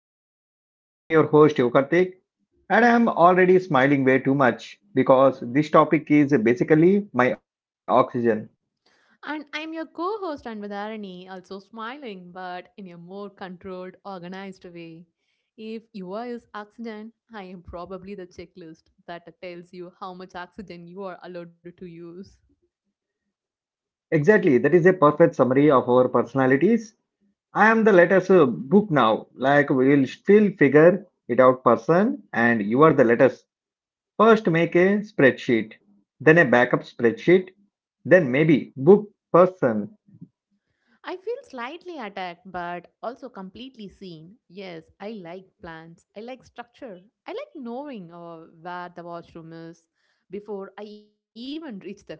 Travel. I'm your host, Yokartik, and I'm already smiling way too much because this topic is basically my oxygen. And I'm your co host Anvadharani, also smiling, but in a more controlled, organized way. If you are is oxygen, I am probably the checklist that tells you how much oxygen you are allowed to use. Exactly, that is a perfect summary of our personalities. I am the latest book now, like we will still figure it out person, and you are the latest. First, make a spreadsheet, then a backup spreadsheet, then maybe book person. I feel slightly attacked, but also completely seen. Yes, I like plans. I like structure. I like knowing where the washroom is before I even reach the hotel.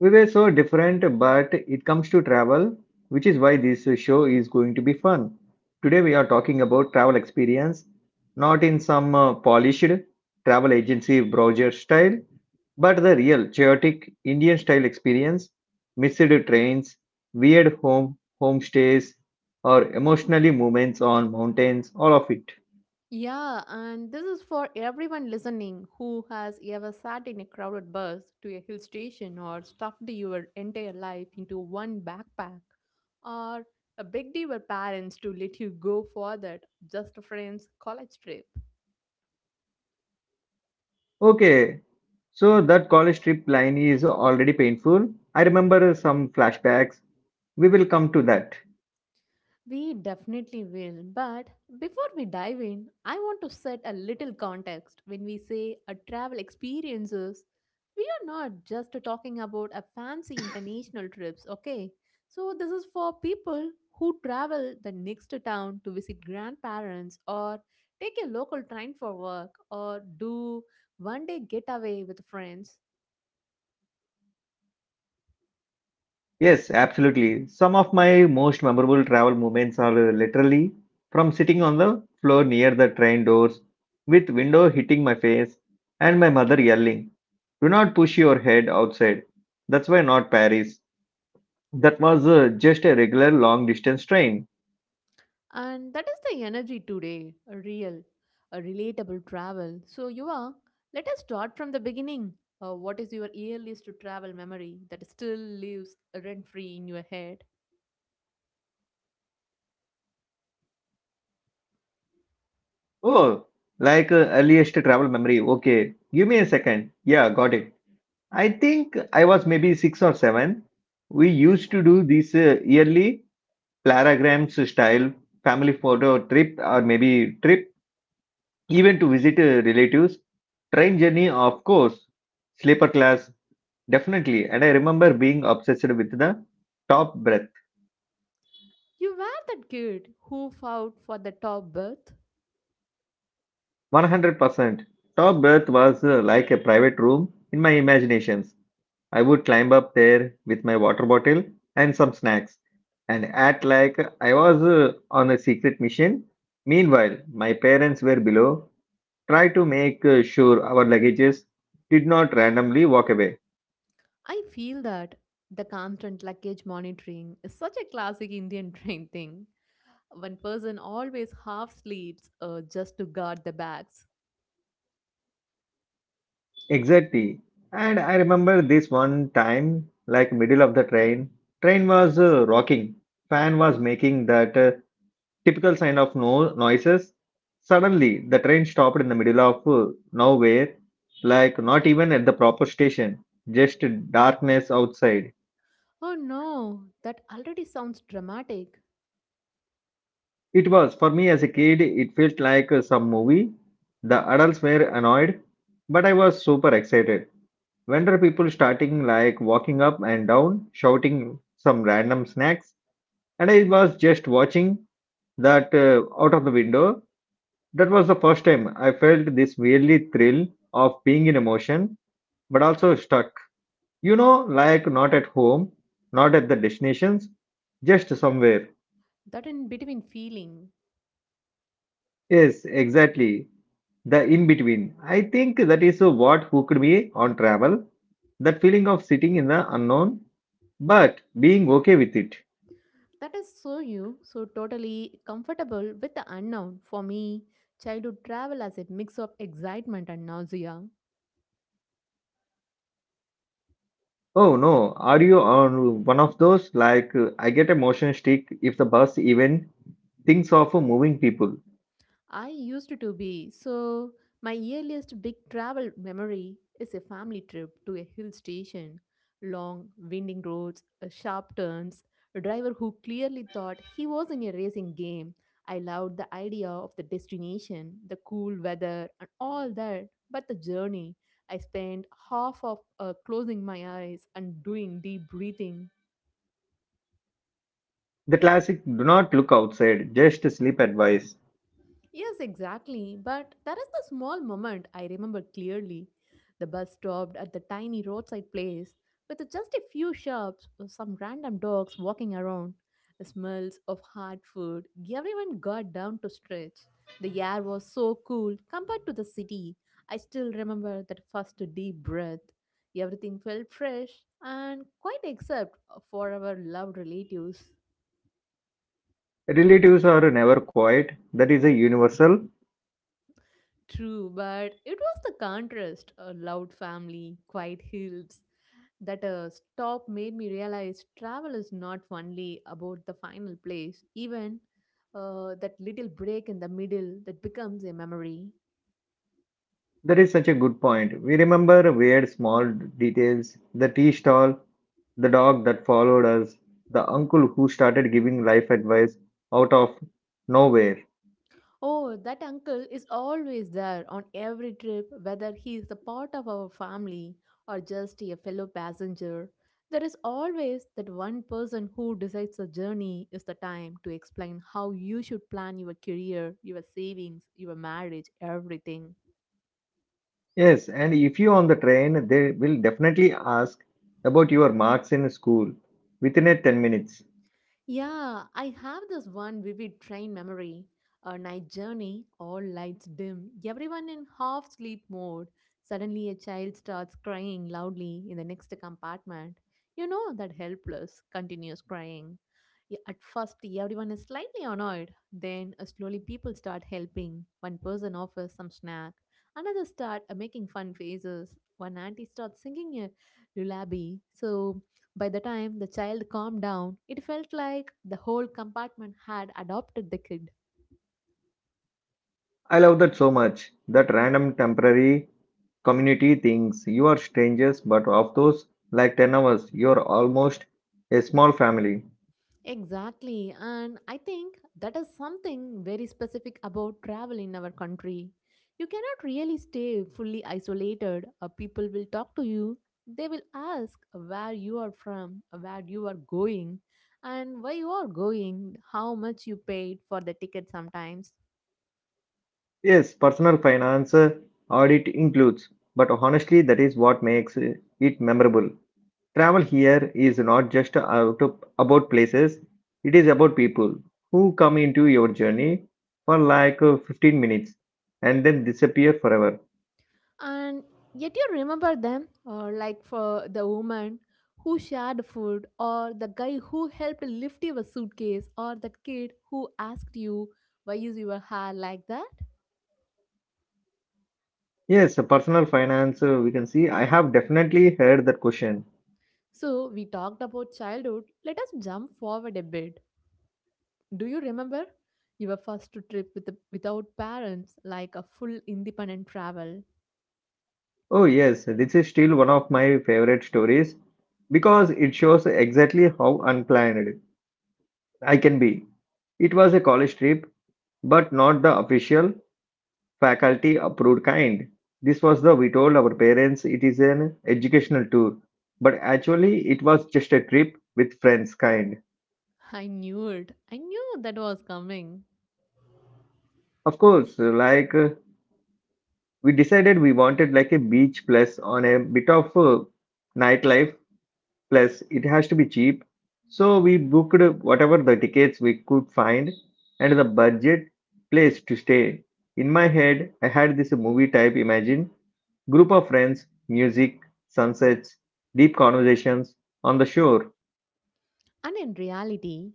We were so different, but it comes to travel, which is why this show is going to be fun. Today, we are talking about travel experience, not in some polished travel agency browser style, but the real chaotic Indian style experience, missed trains, weird home homestays, or emotionally moments on mountains, all of it. Yeah, and this is for everyone listening who has ever sat in a crowded bus to a hill station, or stuffed your entire life into one backpack, or begged your parents to let you go for that just friends college trip. Okay, so that college trip line is already painful. I remember some flashbacks. We will come to that. We definitely will. But before we dive in, I want to set a little context. When we say a travel experiences, we are not just talking about a fancy international trips, okay? So this is for people who travel the next town to visit grandparents, or take a local train for work, or do one day getaway with friends. Yes, absolutely. Some of my most memorable travel moments are literally from sitting on the floor near the train doors with window hitting my face and my mother yelling, "Do not push your head outside." That's why not Paris. That was just a regular long distance train. And that is the energy today, a real, a relatable travel. So, let us start from the beginning. What is your earliest to travel memory that still lives rent free in your head? Oh, like earliest travel memory. Okay, give me a second. Yeah, got it. I think I was maybe six or seven. We used to do this yearly planograms style family photo trip or maybe trip even to visit relatives. Train journey, of course, sleeper class, definitely. And I remember being obsessed with the top berth. You were that kid who fought for the top berth. 100%. Top berth was like a private room in my imaginations. I would climb up there with my water bottle and some snacks and act like I was on a secret mission. Meanwhile, my parents were below, try to make sure our luggages did not randomly walk away. I feel that the constant luggage monitoring is such a classic Indian train thing. One person always half sleeps just to guard the bags. Exactly. And I remember this one time, like middle of the train, train was rocking, fan was making that typical sign of no noises. Suddenly, the train stopped in the middle of nowhere, like not even at the proper station, just darkness outside. Oh no, that already sounds dramatic. It was, for me as a kid, it felt like some movie. The adults were annoyed, but I was super excited. When people starting like walking up and down, shouting some random snacks? And I was just watching that, out of the window. That was the first time I felt this weirdly thrill of being in emotion, but also stuck. You know, like not at home, not at the destinations, just somewhere. That in between feeling. Yes, exactly. The in between. I think that is what hooked me on travel. That feeling of sitting in the unknown, but being okay with it. That is so you, so totally comfortable with the unknown. For me, childhood travel as a mix of excitement and nausea. Oh no, are you on one of those? Like, I get a motion stick if the bus even thinks of moving people. I used to be. So, my earliest big travel memory is a family trip to a hill station. Long, winding roads, sharp turns, a driver who clearly thought he was in a racing game. I loved the idea of the destination, the cool weather, and all that. But the journey, I spent half of closing my eyes and doing deep breathing. The classic do not look outside, just sleep advice. Yes, exactly. But there is the small moment I remember clearly. The bus stopped at the tiny roadside place with just a few shops, some random dogs walking around, the smells of hot food. Everyone got down to stretch. The air was so cool compared to the city. I still remember that first deep breath. Everything felt fresh and quite except for our loved relatives. Relatives are never quiet. That is a universal. True, but it was the contrast, a loud family, quiet hills, that a stop made me realize travel is not only about the final place, even that little break in the middle that becomes a memory. That is such a good point. We remember weird small details, the tea stall, the dog that followed us, the uncle who started giving life advice out of nowhere. Oh, that uncle is always there on every trip, whether he is a part of our family or just a fellow passenger. There is always that one person who decides the journey is the time to explain how you should plan your career, your savings, your marriage, everything. Yes, and if you on the train, they will definitely ask about your marks in school within a 10 minutes. Yeah, I have this one vivid train memory. A night journey, all lights dim, everyone in half sleep mode. Suddenly, a child starts crying loudly in the next compartment. You know that helpless, continuous crying. At first, everyone is slightly annoyed. Then, slowly, people start helping. One person offers some snack. Another start making fun faces. One auntie starts singing a lullaby. So, by the time the child calmed down, it felt like the whole compartment had adopted the kid. I love that so much. That random temporary community things. You are strangers, but of those like 10 hours, you are almost a small family. Exactly, and I think that is something very specific about travel in our country. You cannot really stay fully isolated. People will talk to you, they will ask where you are from, where you are going, and why you are going, how much you paid for the ticket sometimes. Yes, personal finance audit includes, but honestly, that is what makes it memorable. Travel here is not just about places, it is about people who come into your journey for like 15 minutes and then disappear forever. And yet you remember them, or like for the woman who shared food, or the guy who helped lift your suitcase, or that kid who asked you, why is your hair like that? Yes, personal finance, we can see. I have definitely heard that question. So we talked about childhood, let us jump forward a bit. Do you remember your first trip with without parents, like a full independent travel? Oh, yes, this is still one of my favorite stories because it shows exactly how unplanned I can be. It was a college trip, but not the official faculty approved kind. This was the we told our parents it is an educational tour, but actually it was just a trip with friends kind. I knew it, I knew that was coming. Of course, like we decided we wanted like a beach plus on a bit of nightlife. Plus, it has to be cheap. So we booked whatever the tickets we could find and the budget, place to stay. In my head, I had this movie type imagine group of friends, music, sunsets, deep conversations on the shore. And in reality?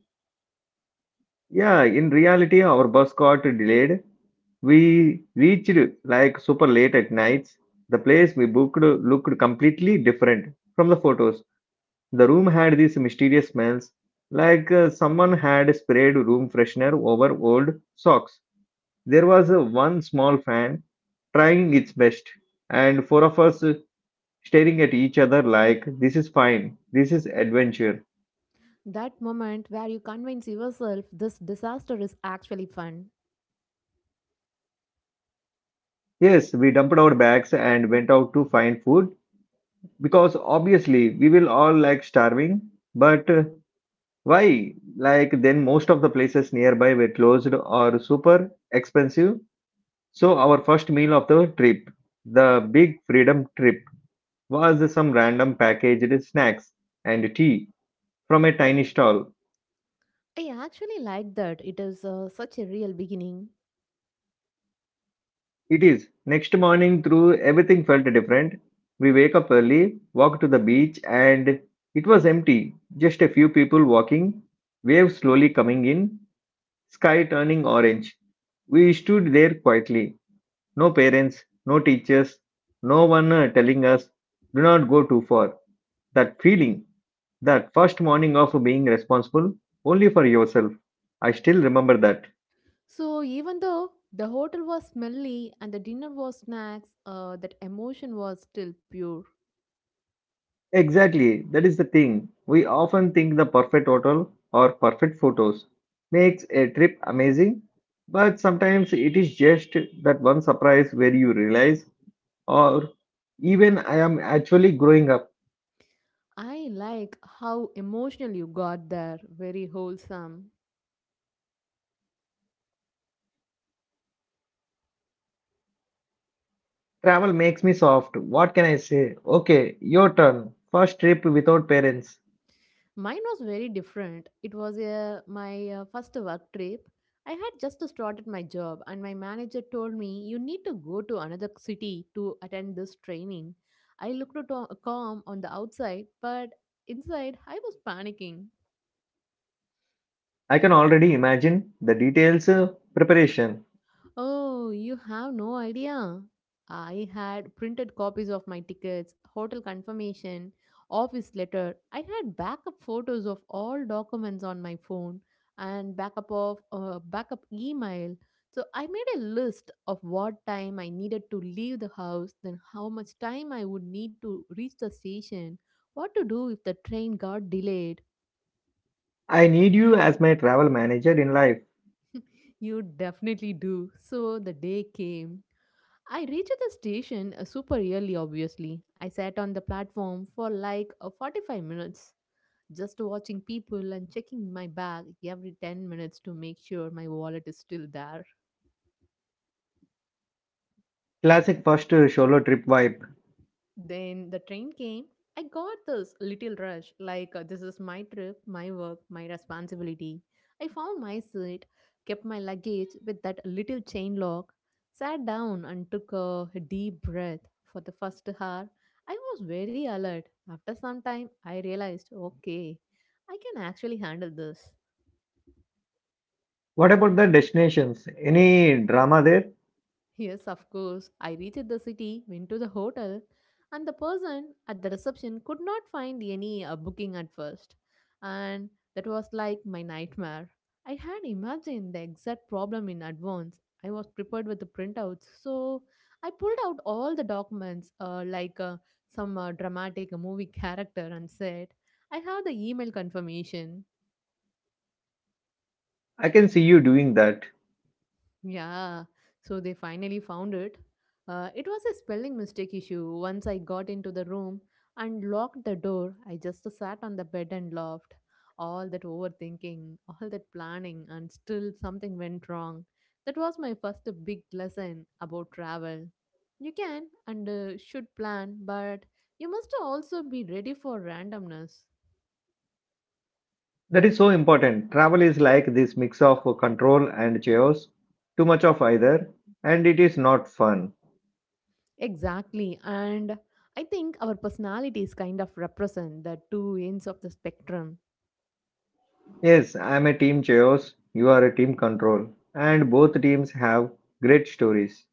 Yeah, in reality, our bus got delayed. We reached like super late at nights. The place we booked looked completely different from the photos. The room had these mysterious smells, like someone had sprayed room freshener over old socks. There was one small fan trying its best, and four of us staring at each other like, "This is fine, this is adventure." That moment where you convince yourself this disaster is actually fun. Yes, we dumped our bags and went out to find food because obviously we will all like starving, but why? Like, then most of the places nearby were closed or super expensive. So, our first meal of the trip, the big freedom trip, was some random packaged snacks and tea from a tiny stall. I actually like that. It is such a real beginning. It is next morning through everything felt different. We wake up early, walk to the beach, and it was empty. Just a few people walking, waves slowly coming in, sky turning orange. We stood there quietly. No parents, no teachers, no one telling us, do not go too far. That feeling, that first morning of being responsible only for yourself, I still remember that. So, even though the hotel was smelly and the dinner was snacks, that emotion was still pure. Exactly, that is the thing. We often think the perfect hotel or perfect photos makes a trip amazing, but sometimes it is just that one surprise where you realize, or even I am actually growing up. I like how emotional you got there. Very wholesome. Travel makes me soft. What can I say? Okay, your turn. First trip without parents. Mine was very different. It was my first work trip. I had just started my job, and my manager told me, you need to go to another city to attend this training. I calm on the outside, but inside I was panicking. I can already imagine the details, preparation. Oh, you have no idea. I had printed copies of my tickets, hotel confirmation, office letter. I had backup photos of all documents on my phone and backup of backup email. So I made a list of what time I needed to leave the house, then how much time I would need to reach the station, what to do if the train got delayed. I need you as my travel manager in life. You definitely do. So the day came. I reached the station super early, obviously. I sat on the platform for like 45 minutes, just watching people and checking my bag every 10 minutes to make sure my wallet is still there. Classic first solo trip vibe. Then the train came. I got this little rush like, this is my trip, my work, my responsibility. I found my seat, kept my luggage with that little chain lock, sat down and took a deep breath. For the first hour, I was very alert. After some time, I realized okay, I can actually handle this. What about the destinations? Any drama there? Yes, of course. I reached the city, went to the hotel, and the person at the reception could not find any booking at first. And that was like my nightmare. I had imagined the exact problem in advance. I was prepared with the printouts, so I pulled out all the documents like some dramatic movie character and said, I have the email confirmation. I can see you doing that. Yeah, so they finally found it. It was a spelling mistake issue. Once I got into the room and locked the door, I just sat on the bed and laughed. All that overthinking, all that planning, and still something went wrong. That was my first big lesson about travel. You can and should plan, but you must also be ready for randomness. That is so important. Travel is like this mix of control and chaos. Too much of either, and it is not fun. Exactly, and I think our personalities kind of represent the two ends of the spectrum. Yes, I am a team chaos, you are a team control, and both teams have great stories.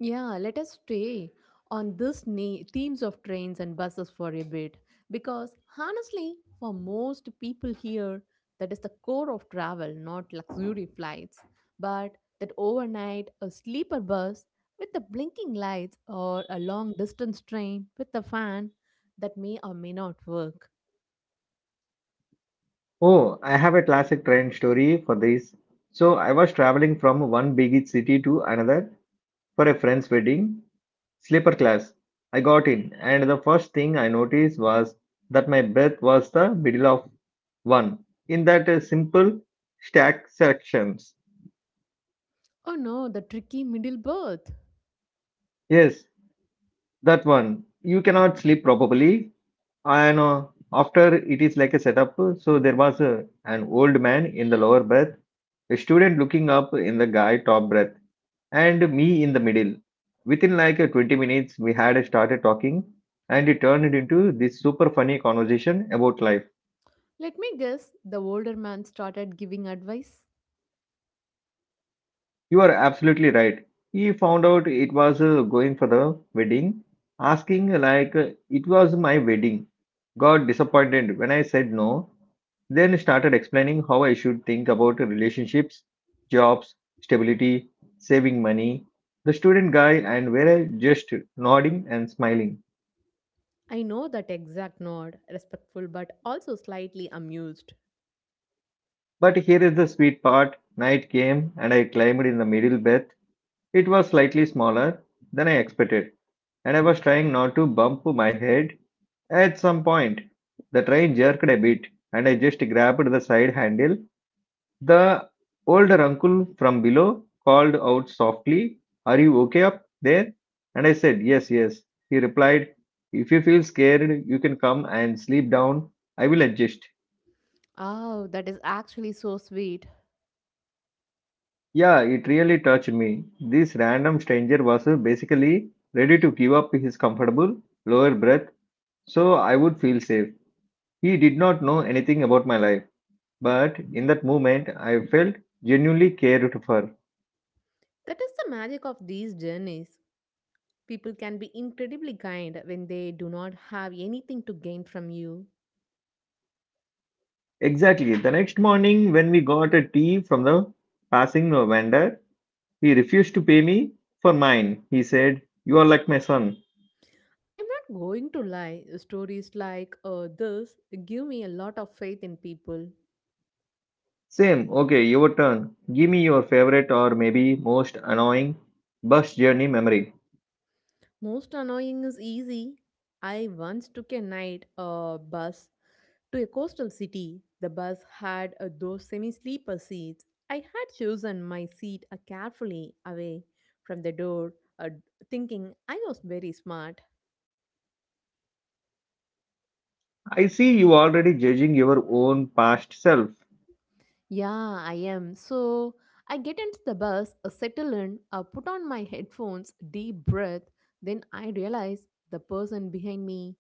Yeah, let us stay on this themes of trains and buses for a bit because honestly, for most people here, that is the core of travel, not luxury flights, but that overnight a sleeper bus with the blinking lights or a long distance train with a fan that may or may not work. Oh, I have a classic train story for this. So, I was traveling from one big city to another for a friend's wedding. Sleeper class. I got in, and the first thing I noticed was that my berth was the middle of one in that simple stack sections. Oh no, the tricky middle berth. Yes, that one. You cannot sleep properly. I know. After it is like a setup, so there was an old man in the lower berth, a student looking up in the guy top berth, and me in the middle. Within like 20 minutes, we had started talking, and it turned into this super funny conversation about life. Let me guess, the older man started giving advice. You are absolutely right. He found out it was going for the wedding, asking like it was my wedding. Got disappointed when I said no. Then started explaining how I should think about relationships, jobs, stability, saving money. The student guy and were just nodding and smiling. I know that exact nod, respectful but also slightly amused. But here is the sweet part. Night came and I climbed in the middle bed. It was slightly smaller than I expected, and I was trying not to bump my head. At some point, the train jerked a bit, and I just grabbed the side handle. The older uncle from below called out softly, "Are you okay up there?" And I said, "Yes, yes." He replied, "If you feel scared, you can come and sleep down. I will adjust." Oh, that is actually so sweet. Yeah, it really touched me. This random stranger was basically ready to give up his comfortable, lower berth so I would feel safe. He did not know anything about my life. But in that moment, I felt genuinely cared for. That is the magic of these journeys. People can be incredibly kind when they do not have anything to gain from you. Exactly. The next morning, when we got a tea from the passing vendor, he refused to pay me for mine. He said, "You are like my son." I'm not going to lie, stories like this give me a lot of faith in people. Same. Okay, your turn. Give me your favorite or maybe most annoying bus journey memory. Most annoying is easy. I once took a night bus to a coastal city. The bus had those semi sleeper seats. I had chosen my seat carefully away from the door, uh, thinking I was very smart. I see you already judging your own past self. Yeah, I am. So I get into the bus, settle in, put on my headphones, deep breath. Then I realize the person behind me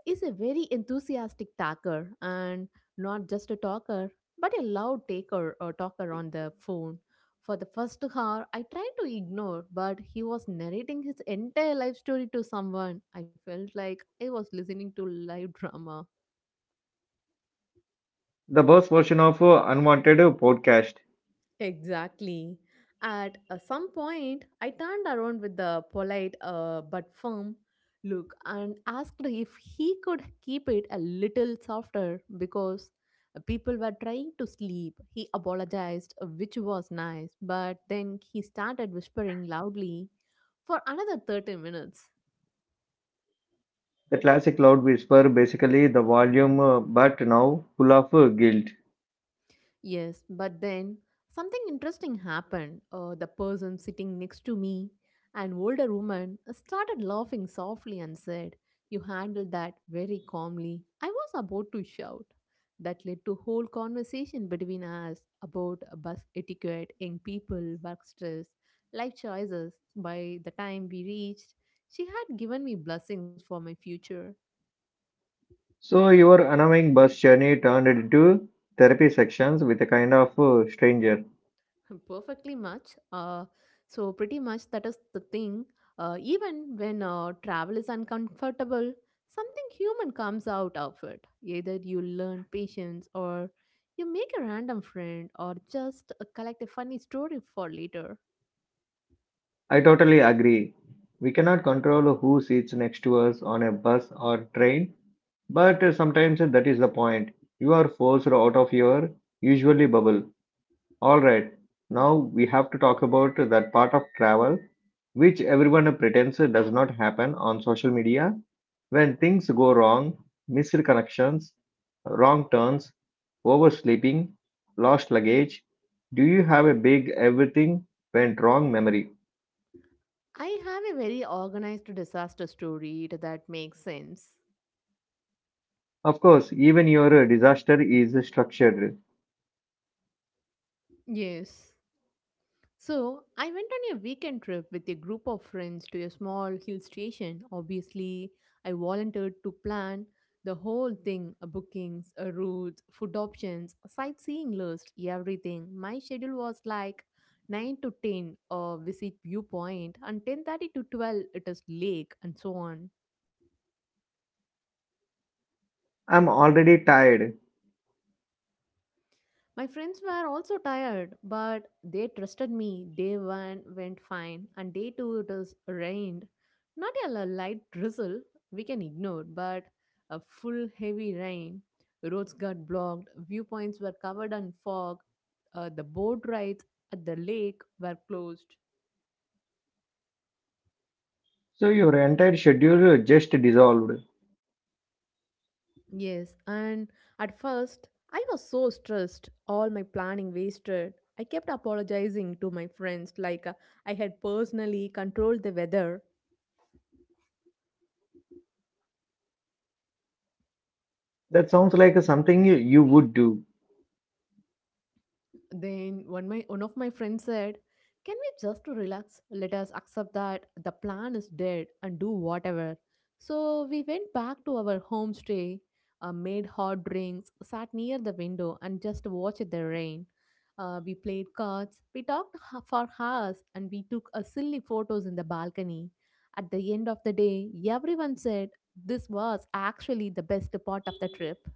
is a very enthusiastic talker, and not just a talker, but a loud taker or talker on the phone. For the first hour, I tried to ignore, but he was narrating his entire life story to someone. I felt like I was listening to live drama. The bus version of unwanted podcast. Exactly. At some point, I turned around with the polite but firm look and asked if he could keep it a little softer because people were trying to sleep. He apologized, which was nice, but then he started whispering loudly for another 30 minutes. The classic loud whisper, basically the volume, but now full of guilt. Yes, but then something interesting happened. The person sitting next to me, an older woman, started laughing softly and said, you handled that very calmly. I was about to shout. That led to whole conversation between us about bus etiquette, young people, work stress, life choices. By the time we reached, she had given me blessings for my future. So your annoying bus journey turned into therapy sections with a kind of stranger. Perfectly much. So pretty much that is the thing. Even when travel is uncomfortable, something human comes out of it. Either you learn patience, or you make a random friend, or just collect a funny story for later. I totally agree. We cannot control who sits next to us on a bus or train, but sometimes that is the point. You are forced out of your usually bubble. Alright, now we have to talk about that part of travel which everyone pretends does not happen on social media. When things go wrong, missed connections, wrong turns, oversleeping, lost luggage, do you have a big everything went wrong memory? I have a very organized disaster story that makes sense. Of course, even your disaster is structured. Yes. So, I went on a weekend trip with a group of friends to a small hill station. Obviously, I volunteered to plan the whole thing, bookings, routes, food options, sightseeing list, everything. My schedule was like 9 to 10, visit viewpoint, and 10:30 to 12 it is lake, and so on. I'm already tired. My friends were also tired, but they trusted me. Day one went fine, and day two it is rained. Not a li- light drizzle we can ignore, but a full heavy rain. Roads got blocked, viewpoints were covered in fog, the boat rides at the lake were closed. So your entire schedule just dissolved. Yes, and at first I was so stressed, all my planning wasted. I kept apologizing to my friends like I had personally controlled the weather. That sounds like something you would do. Then one of my friends said, "Can we just relax? Let us accept that the plan is dead and do whatever." So we went back to our homestay, made hot drinks, sat near the window, and just watched the rain. We played cards, we for hours, and we took a silly photos in the balcony. At the end of the day, everyone said this was actually the best part of the trip.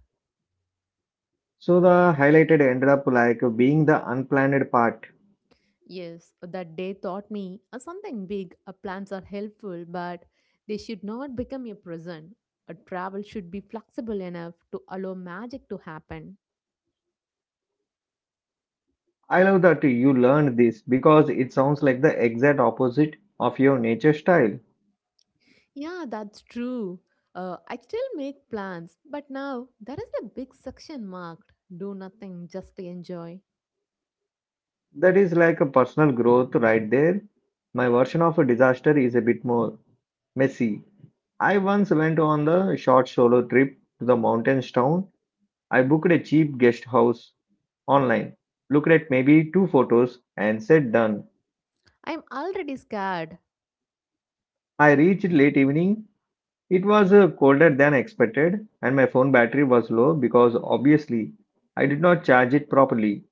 So the highlighted ended up like being the unplanned part. Yes, that day taught me something big. Plans are helpful, but they should not become a prison. A travel should be flexible enough to allow magic to happen. I love that you learned this because it sounds like the exact opposite of your nature style. Yeah, that's true. I still make plans, but now there is a big section marked do nothing, just enjoy. That is like a personal growth right there. My version of a disaster is a bit more messy. I once went on the short solo trip to the mountains town. I booked a cheap guest house online, looked at maybe two photos, and said done. I'm already scared. I reached late evening. It was colder than expected, and my phone battery was low because obviously I did not charge it properly.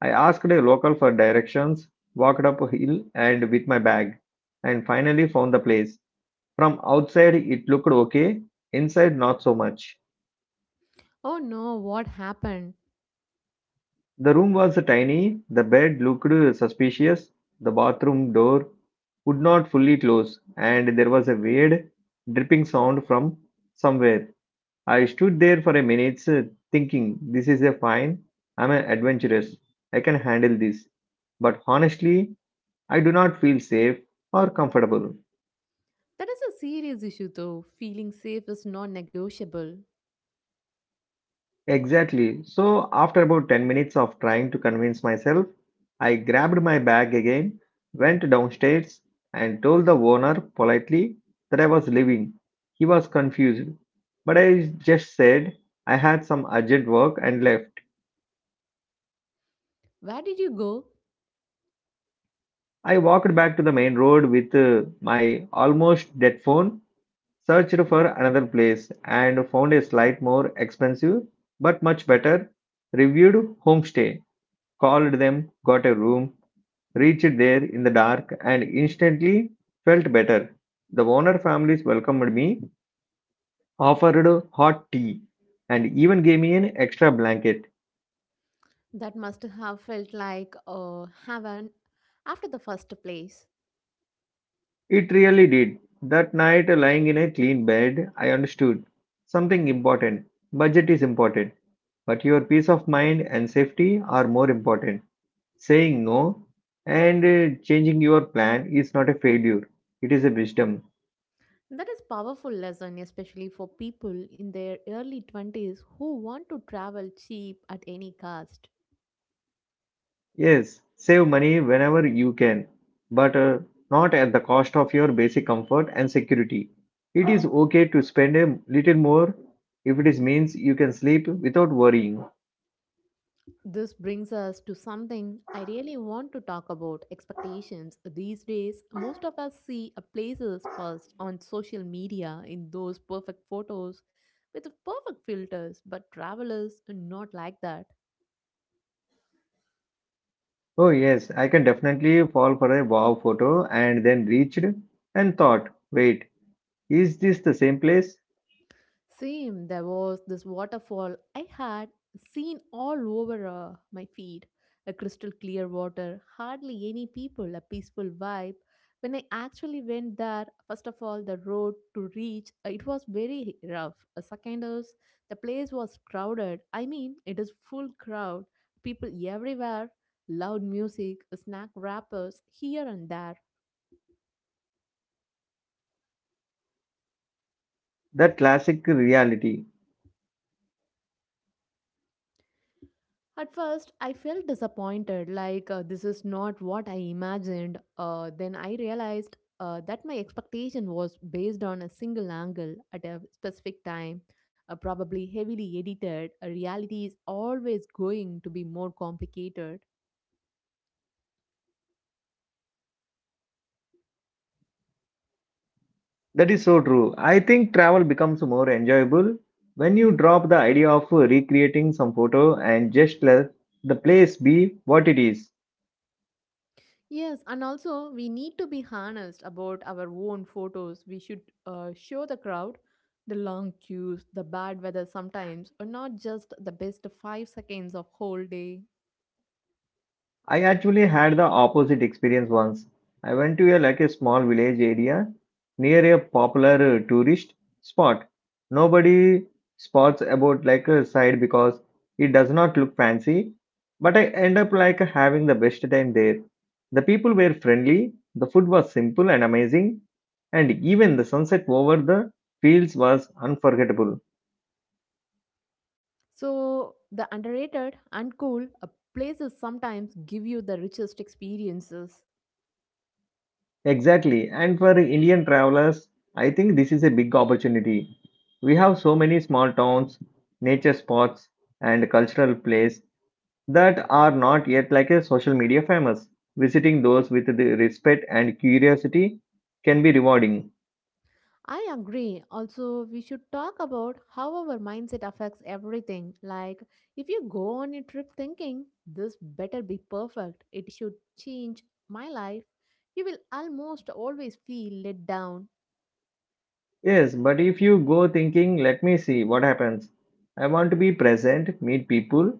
I asked a local for directions, walked up a hill and with my bag, and finally found the place. From outside, it looked okay, inside, not so much. Oh no, what happened? The room was tiny, the bed looked suspicious, the bathroom door would not fully close, and there was a weird dripping sound from somewhere. I stood there for a minute, thinking, this is a fine, I'm an adventurous, I can handle this. But honestly, I do not feel safe or comfortable. That is a serious issue though. Feeling safe is non negotiable. Exactly. So, after about 10 minutes of trying to convince myself, I grabbed my bag again, went downstairs, and told the owner politely that I was leaving. He was confused, but I just said I had some urgent work and left. Where did you go? I walked back to the main road with my almost dead phone, searched for another place, and found a slight more expensive but much better reviewed homestay. Called them, got a room, reached there in the dark, and instantly felt better. The owner families welcomed me, offered hot tea, and even gave me an extra blanket. That must have felt like heaven after the first place. It really did. That night, lying in a clean bed, I understood something important. Budget is important, but your peace of mind and safety are more important. Saying no and changing your plan is not a failure, it is a wisdom. That is powerful lesson, especially for people in their early 20s who want to travel cheap at any cost. Yes, save money whenever you can, but not at the cost of your basic comfort and security. It is okay to spend a little more if it is means you can sleep without worrying. This brings us to something I really want to talk about expectations. These days, most of us see a places first on social media in those perfect photos with the perfect filters, but travelers are not like that. Oh yes, I can definitely fall for a wow photo and then reached and thought, wait, is this the same place? Same, there was this waterfall I had seen all over my feed. A crystal clear water, hardly any people, a peaceful vibe. When I actually went there, first of all, the road to reach, it was very rough. Second is, the place was crowded. I mean, it is full crowd, people everywhere, loud music, snack wrappers here and there. That classic reality. At first, I felt disappointed, like this is not what I imagined. Then I realized that my expectation was based on a single angle at a specific time, probably heavily edited. A reality is always going to be more complicated. That is so true. I think travel becomes more enjoyable when you drop the idea of recreating some photo and just let the place be what it is. Yes, and also we need to be honest about our own photos. We should show the crowd, the long queues, the bad weather sometimes, or not just the best 5 seconds of whole day. I actually had the opposite experience once. I went to a like a small village area near a popular tourist spot. Nobody spots about like a side because it does not look fancy, but I end up like having the best time there. The people were friendly, the food was simple and amazing, and even the sunset over the fields was unforgettable. So the underrated and cool places sometimes give you the richest experiences. Exactly. And for Indian travelers, I think this is a big opportunity. We have so many small towns, nature spots, and cultural places that are not yet like a social media famous. Visiting those with the respect and curiosity can be rewarding. I agree. Also, we should talk about how our mindset affects everything. Like, if you go on a trip thinking, this better be perfect, it should change my life, you will almost always feel let down. Yes, but if you go thinking, let me see what happens. I want to be present, meet people,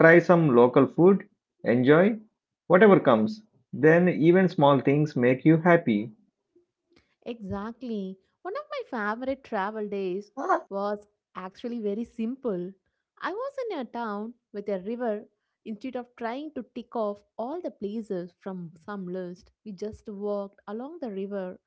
try some local food, enjoy whatever comes. Then even small things make you happy. Exactly. One of my favorite travel days was actually very simple. I was in a town with a river. Instead of trying to tick off all the places from some list, we just walked along the river,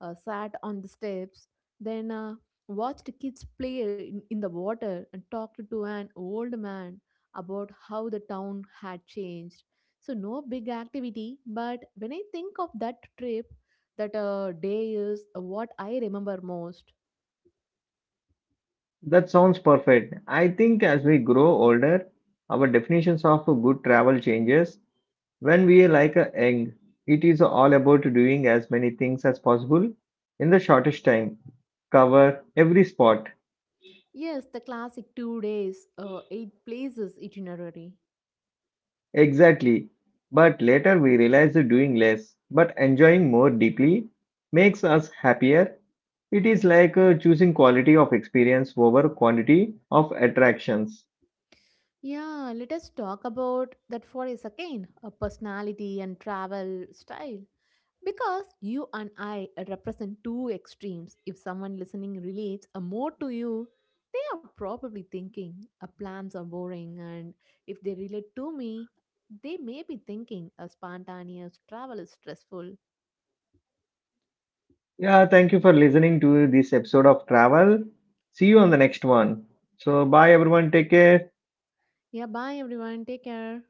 sat on the steps, then watched kids play in the water and talked to an old man about how the town had changed. So, no big activity, but when I think of that trip, that day is what I remember most. That sounds perfect. I think as we grow older, our definitions of good travel changes. When we are like a young, it is all about doing as many things as possible in the shortest time, cover every spot. Yes, the classic 2 days, 8 places itinerary. Exactly. But later we realize that doing less but enjoying more deeply makes us happier. It is like choosing quality of experience over quantity of attractions. Yeah, let us talk about that for a second, a personality and travel style. Because you and I represent two extremes. If someone listening relates more to you, they are probably thinking plans are boring, and if they relate to me, they may be thinking a spontaneous travel is stressful. Yeah, thank you for listening to this episode of Travel. See you on the next one. So, bye everyone. Take care. Yeah, bye everyone. Take care.